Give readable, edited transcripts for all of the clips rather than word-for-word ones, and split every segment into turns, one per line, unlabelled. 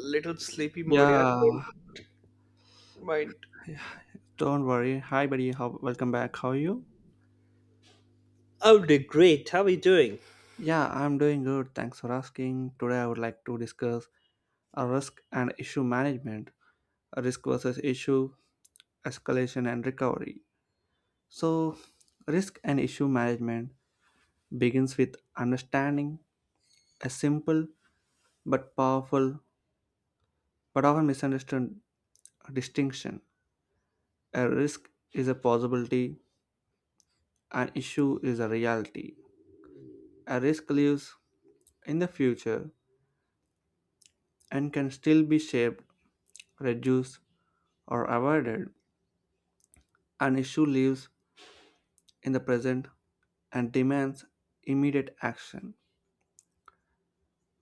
Little sleepy mode, yeah.
Yeah,
Don't mind.
don't worry. Hi, buddy. Welcome back. How are you?
Oh, they're great. How are you doing?
Yeah, I'm doing good. Thanks for asking. Today, I would like to discuss a risk and issue management, a risk versus issue, escalation and recovery. So, risk and issue management begins with understanding a simple but powerful but often misunderstood distinction. A risk is a possibility, an issue is a reality. A risk lives in the future and can still be shaped, reduced, or avoided. An issue lives in the present and demands immediate action.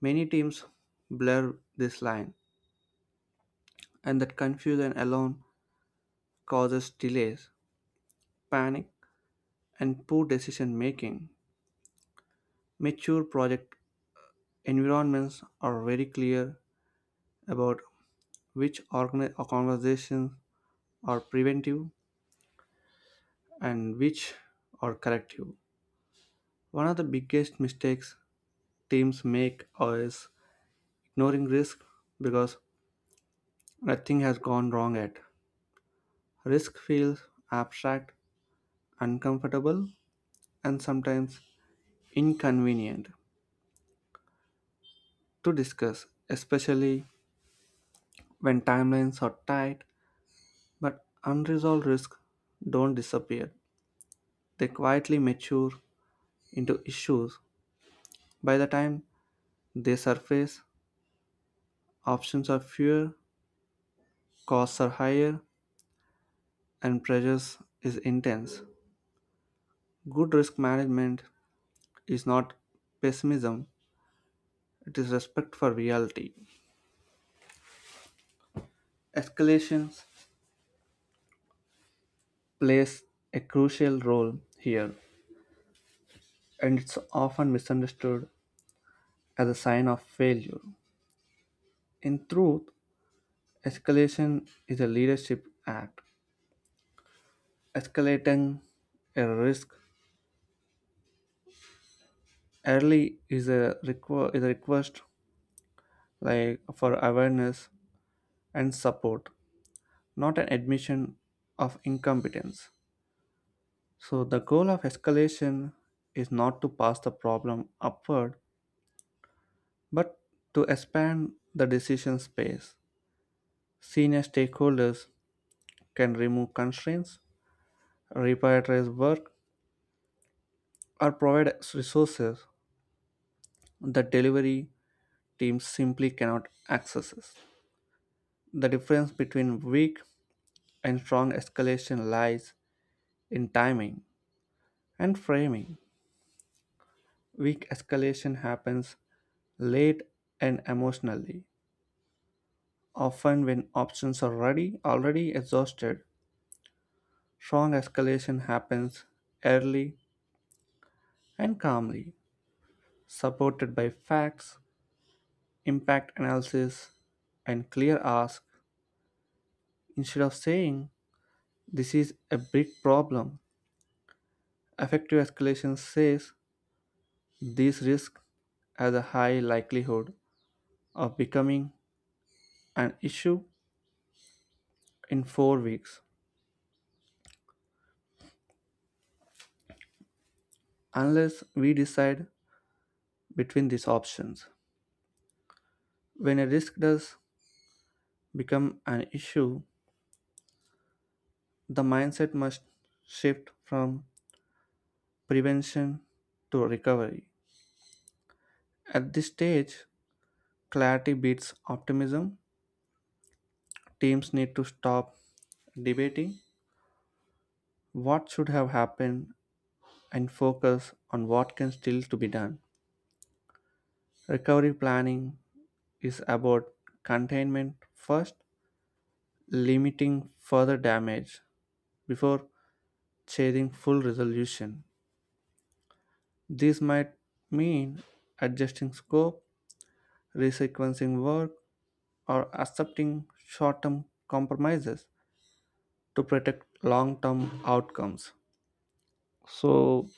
Many teams blur this line, and that confusion alone causes delays, panic, and poor decision making. Mature project environments are very clear about which conversations are preventive and which are corrective. One of the biggest mistakes teams make is ignoring risk because nothing has gone wrong yet. Risk feels abstract, uncomfortable, and sometimes inconvenient to discuss, especially when timelines are tight. But unresolved risks don't disappear, they quietly mature into issues. By the time they surface, options are fewer, costs are higher, and pressures is intense. Good risk management is not pessimism, it is respect for reality. Escalations plays a crucial role here, and it's often misunderstood as a sign of failure. In truth, escalation is a leadership act. Escalating a risk early is is a request like for awareness and support, not an admission of incompetence. So, the goal of escalation is not to pass the problem upward, but to expand the decision space. Senior stakeholders can remove constraints, reprioritize work, or provide resources that delivery teams simply cannot access. The difference between weak and strong escalation lies in timing and framing. Weak escalation happens late and emotionally, often when options are ready already exhausted. Strong escalation happens early and calmly, supported by facts, impact analysis, and clear ask. Instead of saying this is a big problem, effective escalation says this risk has a high likelihood of becoming an issue in 4 weeks unless we decide between these options. When a risk does become an issue, the mindset must shift from prevention to recovery. At this stage, clarity beats optimism. Teams need to stop debating what should have happened and focus on what can still to be done. Recovery planning is about containment first, limiting further damage before chasing full resolution. This might mean adjusting scope, resequencing work, or accepting short term compromises to protect long term outcomes. So,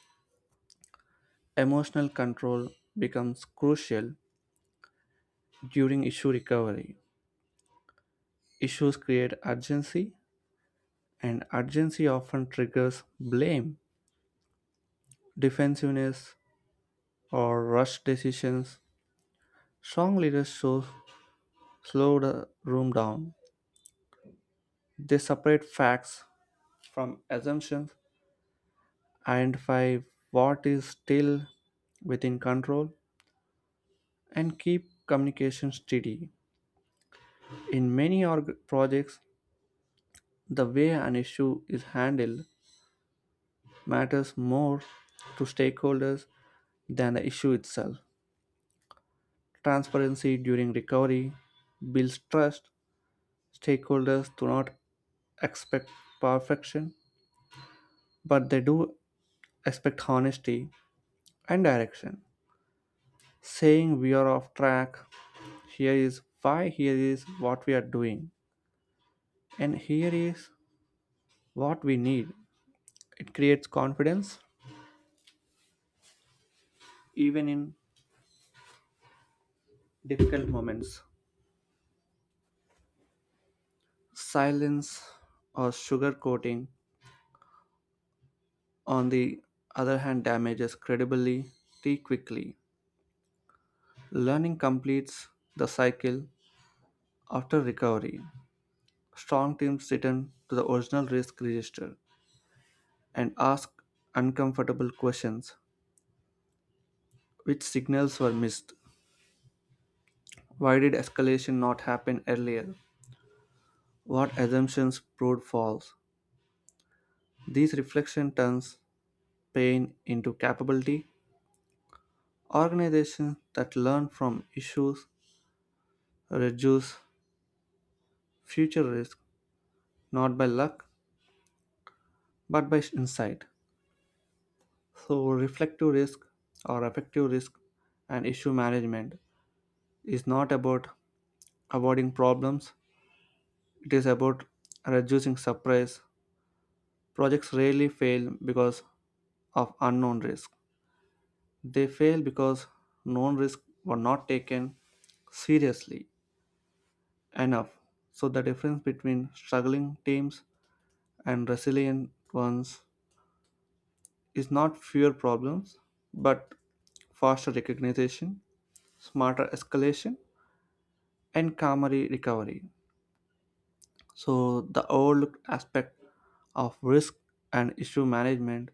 emotional control becomes crucial during issue recovery. Issues create urgency, and urgency often triggers blame, defensiveness, or rush decisions. Strong leaders show slow the room down. They separate facts from assumptions and five what is still within control and keep communication steady. In many projects, the way an issue is handled matters more to stakeholders than the issue itself. Transparency during recovery builds trust. Stakeholders do not expect perfection, but they do expect honesty and direction. Saying we are off track, here is why, here is what we are doing, and here is what we need. It creates confidence even in difficult moments. Silence or sugarcoating, on the other hand, damages credibility too quickly. Learning completes the cycle after recovery. Strong teams return to the original risk register and ask uncomfortable questions. Which signals were missed? Why did escalation not happen earlier? What assumptions proved false? These reflections turns pain into capability. Organizations that learn from issues reduce future risk not by luck but by insight. So reflective risk or effective risk and issue management is not about avoiding problems. It is about reducing surprise. Projects rarely fail because of unknown risk. They fail because known risks were not taken seriously enough. So the difference between struggling teams and resilient ones is not fewer problems, but faster recognition, smarter escalation, and calmer recovery. So the overlooked aspect of risk and issue management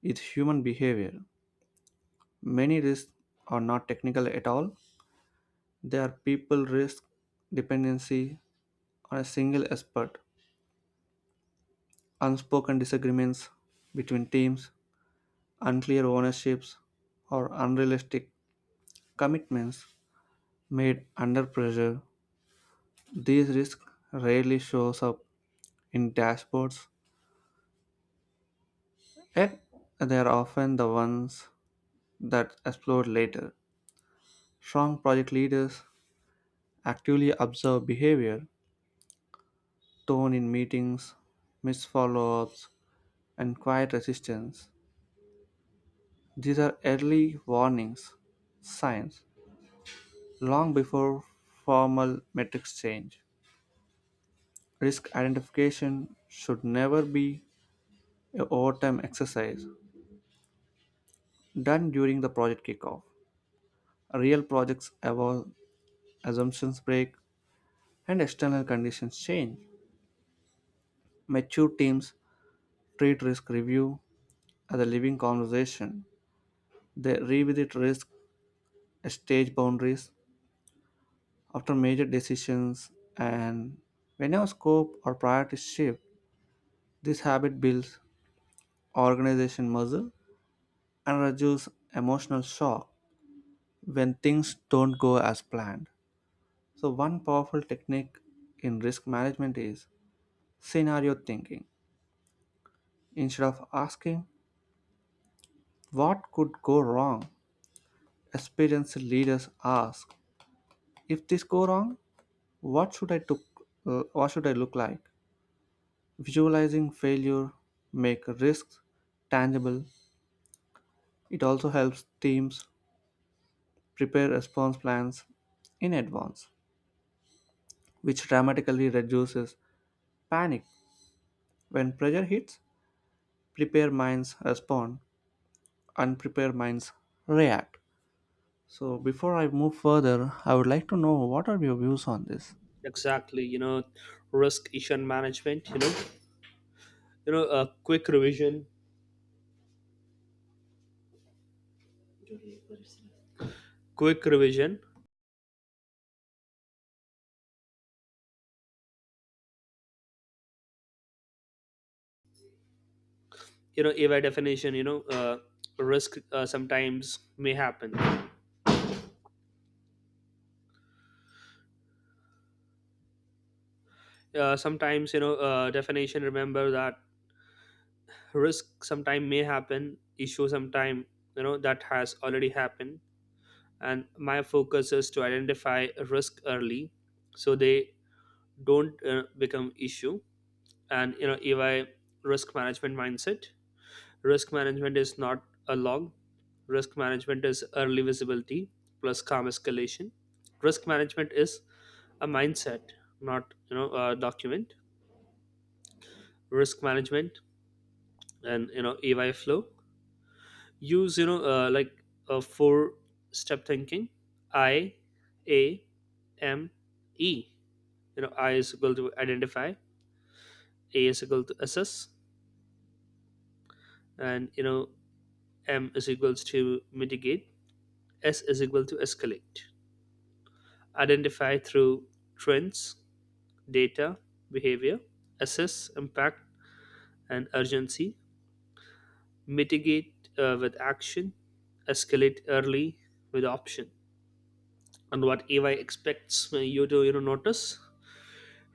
is human behavior. Many risks are not technical at all. They are people risk, dependency, on a single expert. Unspoken disagreements between teams, unclear ownerships, or unrealistic commitments made under pressure. These risks rarely shows up in dashboards, yet they are often the ones that explode later. Strong project leaders actively observe behavior, tone in meetings, missed follow-ups, and quiet resistance. These are early warnings signs long before formal metrics change. Risk identification should never be a overtime exercise done during the project kickoff. Real projects evolve, assumptions break, and external conditions change. Mature teams treat risk review as a living conversation. They revisit risk, stage boundaries after major decisions, and whenever scope or priorities shift, this habit builds organization muscle and reduce emotional shock when things don't go as planned. So, one powerful technique in risk management is scenario thinking. Instead of asking what could go wrong, experienced leaders ask, if this go wrong, what should I took, what should I look like? Visualizing failure make risks tangible. It also helps teams prepare response plans in advance, which dramatically reduces panic when pressure hits, prepared minds respond, unprepared minds react. So, before I move further, I would like to know what are your views on this?
Exactly. Risk issue and management. Quick quick revision. By definition, risk sometimes may happen. Sometimes, definition. Remember that risk sometime may happen. Issue sometime, that has already happened. And my focus is to identify risk early, so they don't become issue and you know ey Risk management mindset. Risk management is not a log. Risk management is early visibility plus calm escalation. Risk management is a mindset, not a document. Risk management and you know ey Flow use, like a 4-step thinking. I, A, M, E. I is equal to identify, A is equal to assess, and M is equals to mitigate, S is equal to escalate. Identify through trends, data, behavior, assess impact and urgency, mitigate with action, escalate early with option. And what AI expects you to notice: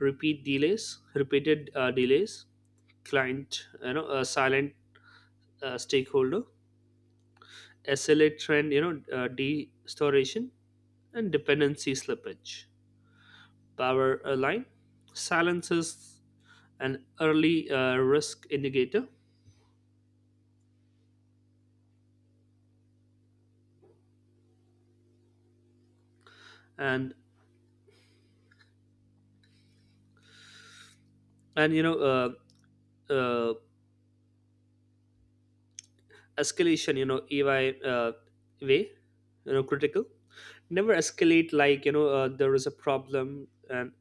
repeat delays, repeated delays, client silent stakeholder, SLA trend de-storation, and dependency slippage. Power line silences an early risk indicator. And and you know uh, Escalation you know ey way, critical. Never escalate like there is a problem, and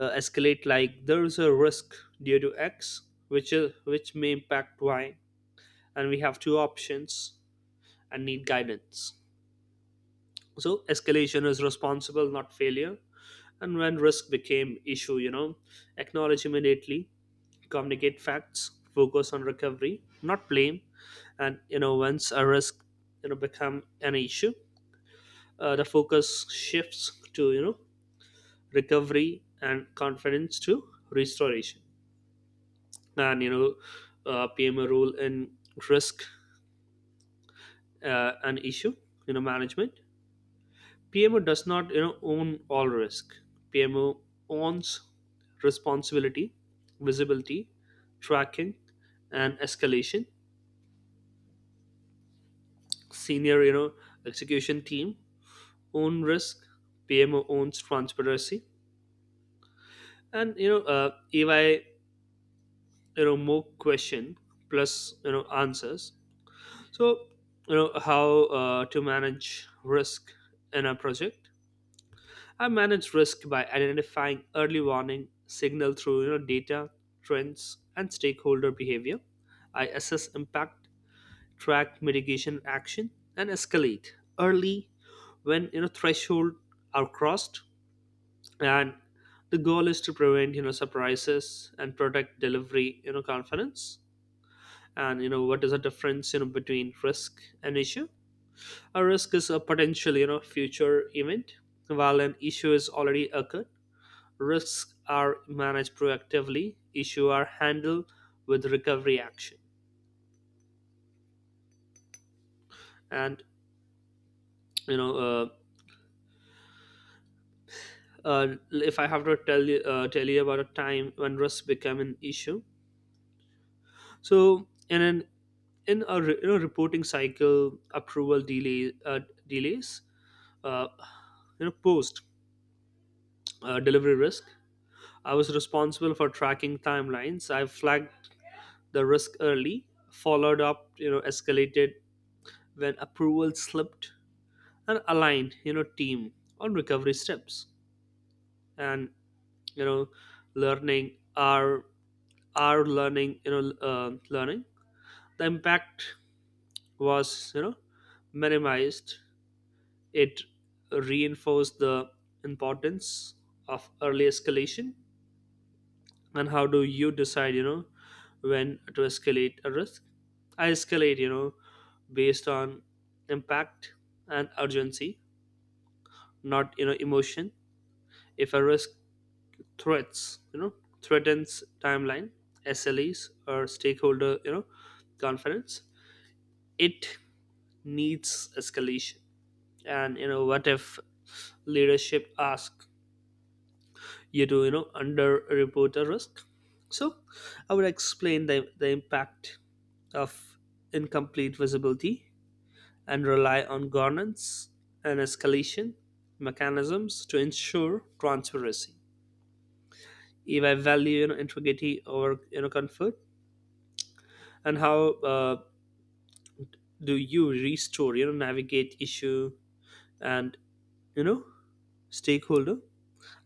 escalate like there is a risk due to X, which is which may impact Y, and we have two options and need guidance. So escalation is responsible, not failure. And when risk became issue, acknowledge immediately, communicate facts, focus on recovery, not blame. And once a risk become an issue, the focus shifts to recovery and confidence to restoration. And PMO role in risk and issue management. PMO does not own all risk. PMO owns responsibility, visibility, tracking, and escalation. Senior, execution team own risk. PMO owns transparency and you know ey you know more question plus answers. So, how to manage risk in a project. I manage risk by identifying early warning signal through data, trends, and stakeholder behavior. I assess impact, track mitigation action, and escalate early when threshold are crossed. And the goal is to prevent surprises and protect delivery confidence. And what is the difference between risk and issue. A risk is a potential future event, while an issue is already occurred. Risks are managed proactively, issue are handled with recovery action. And you know uh, if I have to tell you about a time when risk became an issue. So in an in a, in a reporting cycle, approval delay delays, uh, post delivery risk. I was responsible for tracking timelines. I flagged the risk early, followed up, escalated when approval slipped, and aligned, team on recovery steps. And you know, learning our learning you know learning, the impact was minimized. It reinforced the importance of early escalation. And how do you decide when to escalate a risk. I escalate based on impact and urgency, not emotion. If a risk threats you know threatens timeline, SLEs, or stakeholder confidence, it needs escalation. And what if leadership asks you to underreport a risk. So I would explain the impact of incomplete visibility and rely on governance and escalation mechanisms to ensure transparency. If I value integrity over comfort. And how do you restore navigate issue and you know stakeholder.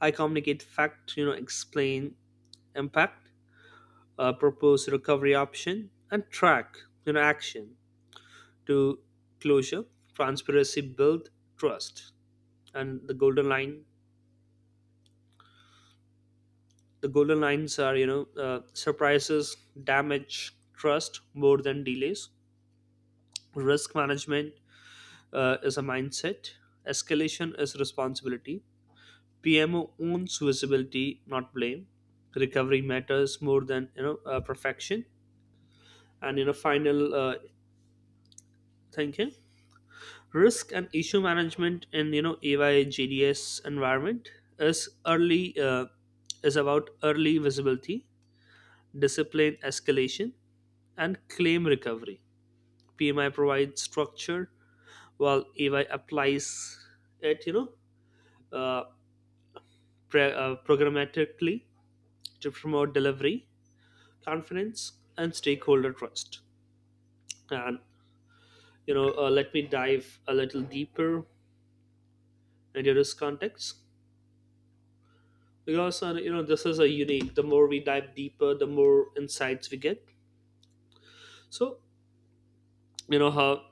I communicate fact, explain impact, propose recovery option, and track, action to closure. Transparency build trust, and the golden line. The golden lines are, surprises damage trust more than delays. Risk management is a mindset. Escalation is responsibility. PMO owns visibility, not blame. Recovery matters more than perfection. And final thinking. Risk and issue management in ay jds environment is early uh, is about early visibility, discipline escalation, and claim recovery. PMI provides structure, while ay applies it, uh, programmatically, to promote delivery confidence and stakeholder trust. And let me dive a little deeper into this context, because this is a unique. The more we dive deeper, the more insights we get. So, you know how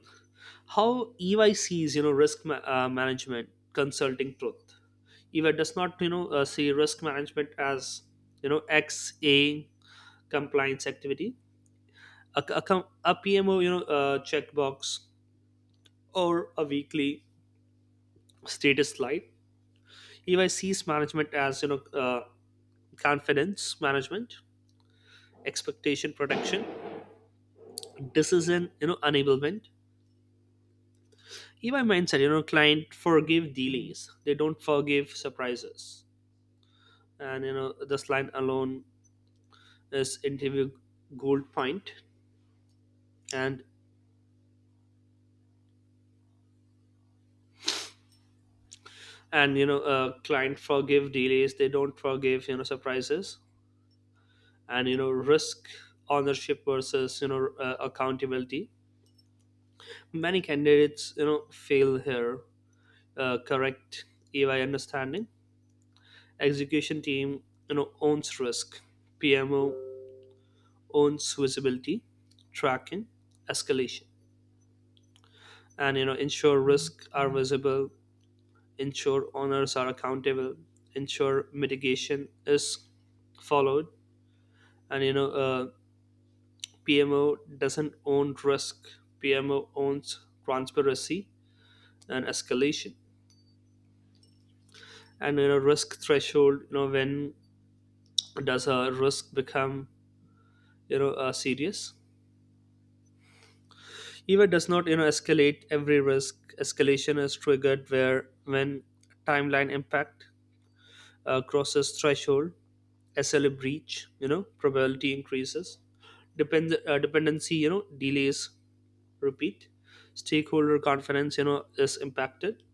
how EY sees risk management consulting truth. EY does not see risk management as you know xa compliance activity, a PMO checkbox, or a weekly status slide. EY sees management as confidence management, expectation protection, decision enablement. In mindset, client forgive delays, they don't forgive surprises. And this line alone is interview gold point. And and you know Client forgive delays, they don't forgive surprises. And risk ownership versus accountability. Many candidates fail here. Correct EY understanding: execution team owns risk, PMO owns visibility, tracking, escalation, and ensure risks are visible, ensure owners are accountable, ensure mitigation is followed. And PMO doesn't own risk. PMO owns transparency and escalation. And risk threshold. When does a risk become serious? Eva does not, escalate every risk. Escalation is triggered where when timeline impact crosses threshold, SLA breach, probability increases. Dependency, delays repeat. Stakeholder confidence, is impacted,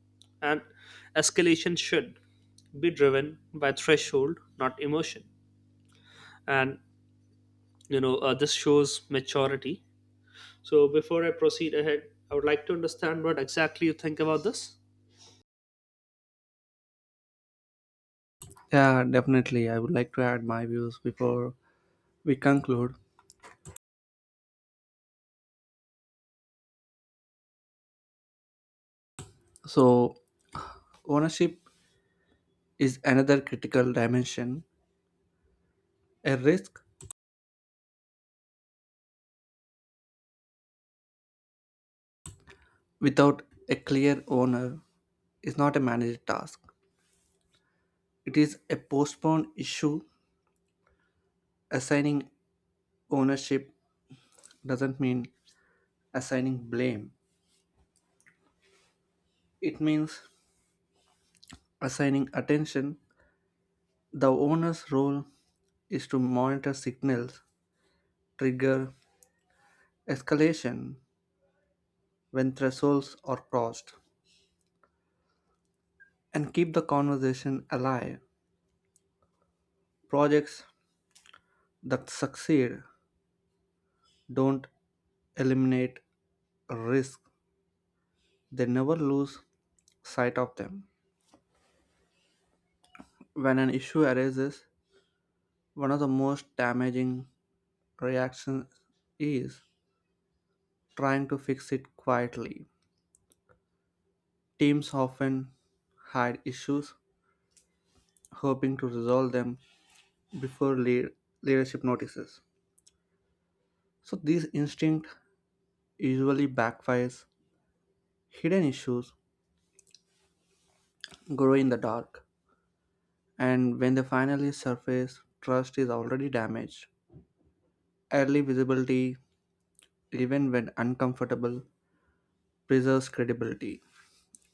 and escalation should be driven by threshold, not emotion. And this shows maturity. So before I proceed ahead, I would like to understand what exactly you think about this.
Yeah, definitely. I would like to add my views before we conclude. So, ownership is another critical dimension. A risk without a clear owner is not a managed task, it is a postponed issue. Assigning ownership doesn't mean assigning blame, it means assigning attention, the owner's role is to monitor signals, trigger escalation when thresholds are crossed, and keep the conversation alive. Projects that succeed don't eliminate risk, they never lose sight of them. When an issue arises, one of the most damaging reactions is trying to fix it quietly. Teams often hide issues hoping to resolve them before leadership notices. So this instinct usually backfires. Hidden issues grow in the dark, and when they finally surface, trust is already damaged. Early visibility, even when uncomfortable, preserves credibility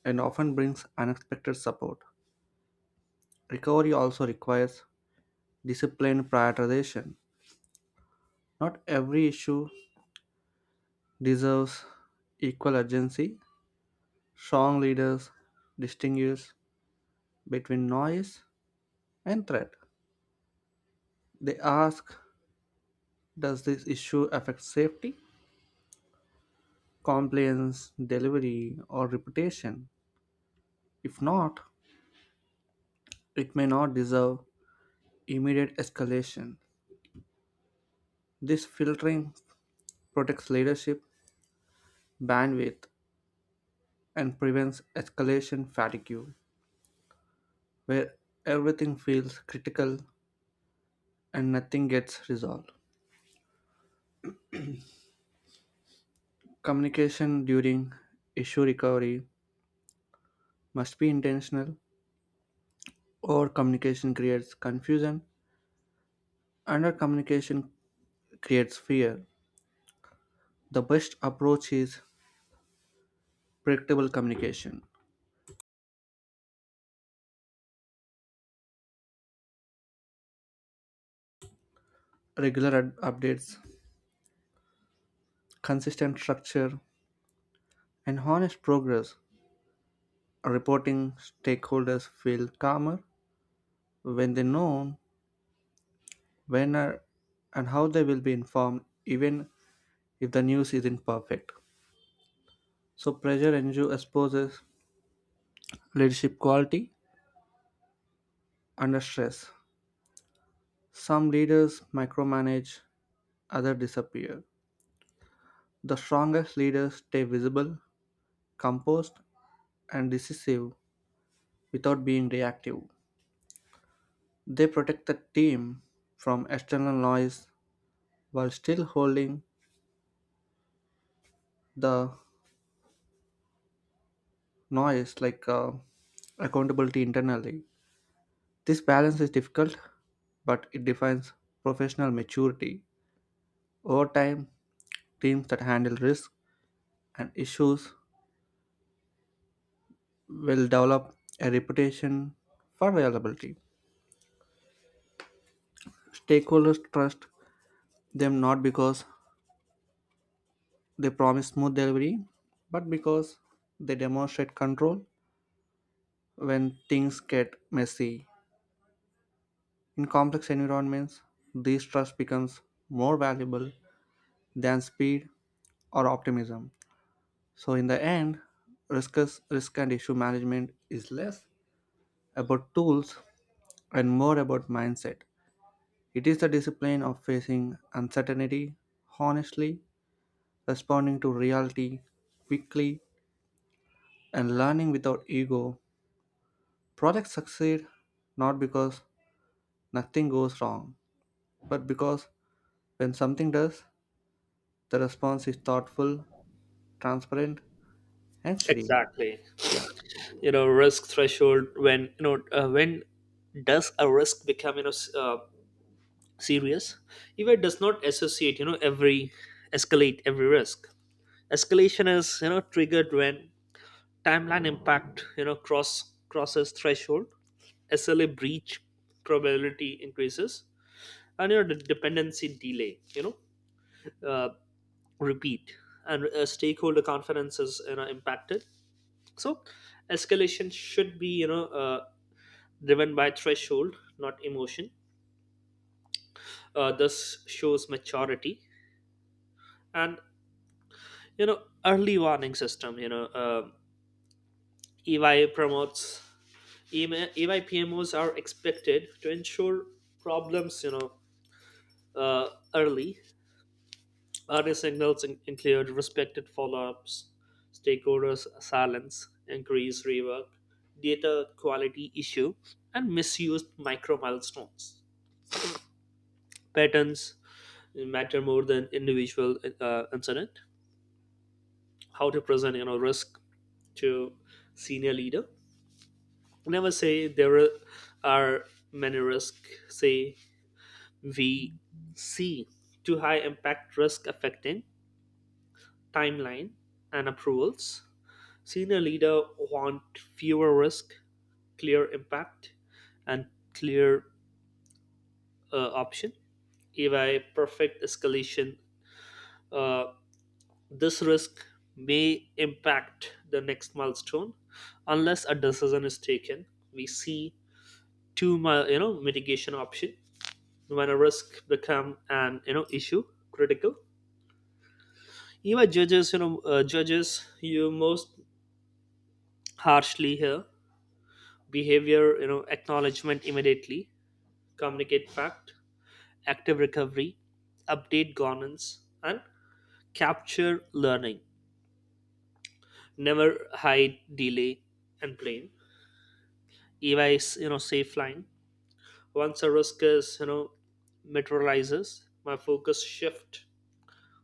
and often brings unexpected support. Recovery also requires disciplined prioritization. Not every issue deserves equal urgency. Strong leaders distinguish between noise and threat. They ask, does this issue affect safety, compliance, delivery, or reputation? If not, it may not deserve immediate escalation. This filtering protects leadership bandwidth and prevents escalation fatigue, where everything feels critical and nothing gets resolved. Communication during issue recovery must be intentional. Over communication creates confusion. Under communication creates fear. The best approach is predictable communication, regular updates, consistent structure, and honest progress. Reporting stakeholders feel calmer when they know when and how they will be informed, even if the news isn't perfect. So, pressure ensure exposes leadership quality under stress. Some leaders micromanage, others disappear. The strongest leaders stay visible, composed, and decisive without being reactive. They protect the team from external noise while still holding the noise like accountability internally. This balance is difficult, but it defines professional maturity. Over time, teams that handle risk and issues will develop a reputation for reliability. Stakeholders trust them not because they promise smooth delivery, but because they demonstrate control when things get messy. In complex environments, this trust becomes more valuable than speed or optimism. So, in the end, risk and issue management is less about tools and more about mindset. It is the discipline of facing uncertainty honestly, responding to reality quickly, and learning without ego. Projects succeed not because nothing goes wrong, but because when something does, the response is thoughtful, transparent, and steady.
Exactly.
Yeah.
Risk threshold. When you know when does a risk become serious? Eva does not associate you know every escalate every risk. Escalation is triggered when timeline impact crosses threshold, SLA breach, probability increases, and your know, the dependency delay you know uh, repeat, and stakeholder confidence is impacted. So escalation should be driven by threshold, not emotion. This shows maturity. And you know early warning system. EY promotes. EY PMOs are expected to ensure problems. Uh, early Early signals in- include respected follow-ups, stakeholders silence, increased rework, data quality issue, and misused micro milestones. Patterns matter more than individual incident. How to present risk to senior leader. Never say there are many risks. Say we see too high impact risk affecting timeline and approvals. Senior leader want fewer risk, clear impact, and clear option. If a perfect escalation uh, this risk may impact the next milestone unless a decision is taken. We see two mitigation option. When a risk become an issue, critical. Even judges judges you most harshly here. Behavior: acknowledgement immediately, communicate fact, active recovery, update governance, and capture learning. Never hide delay and blame. EVA is safe line. Once a risk is materializes, my focus shift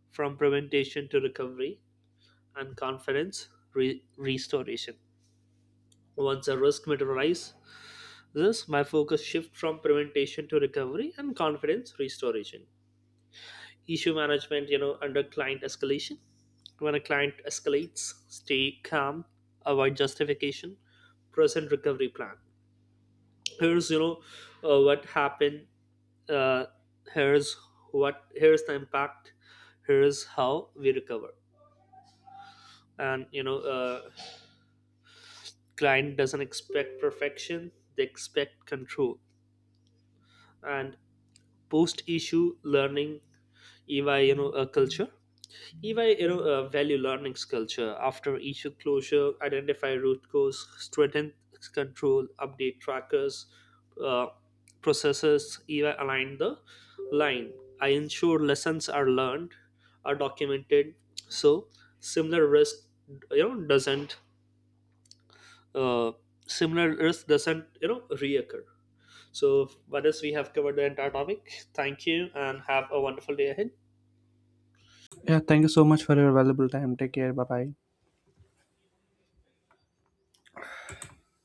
from prevention to recovery and confidence restoration. Once a risk materializes, my focus shift from prevention to recovery and confidence restoration. Issue management, under client escalation. When a client escalates, stay calm, avoid justification, present recovery plan. Here's what happened, uh, here's what here's the impact, here's how we recover. And client doesn't expect perfection, they expect control. And post issue learning, ey you know a culture. EY, value learning culture after issue closure, identify root cause, strengthen control, update trackers, uh, processes. EY align the line. I ensure lessons are learned, are documented, so similar risk you know doesn't uh, similar risk doesn't reoccur. So, with this we have covered the entire topic. Thank you, and have a wonderful day ahead.
Yeah, thank you so much for your valuable time. Take care. Bye bye.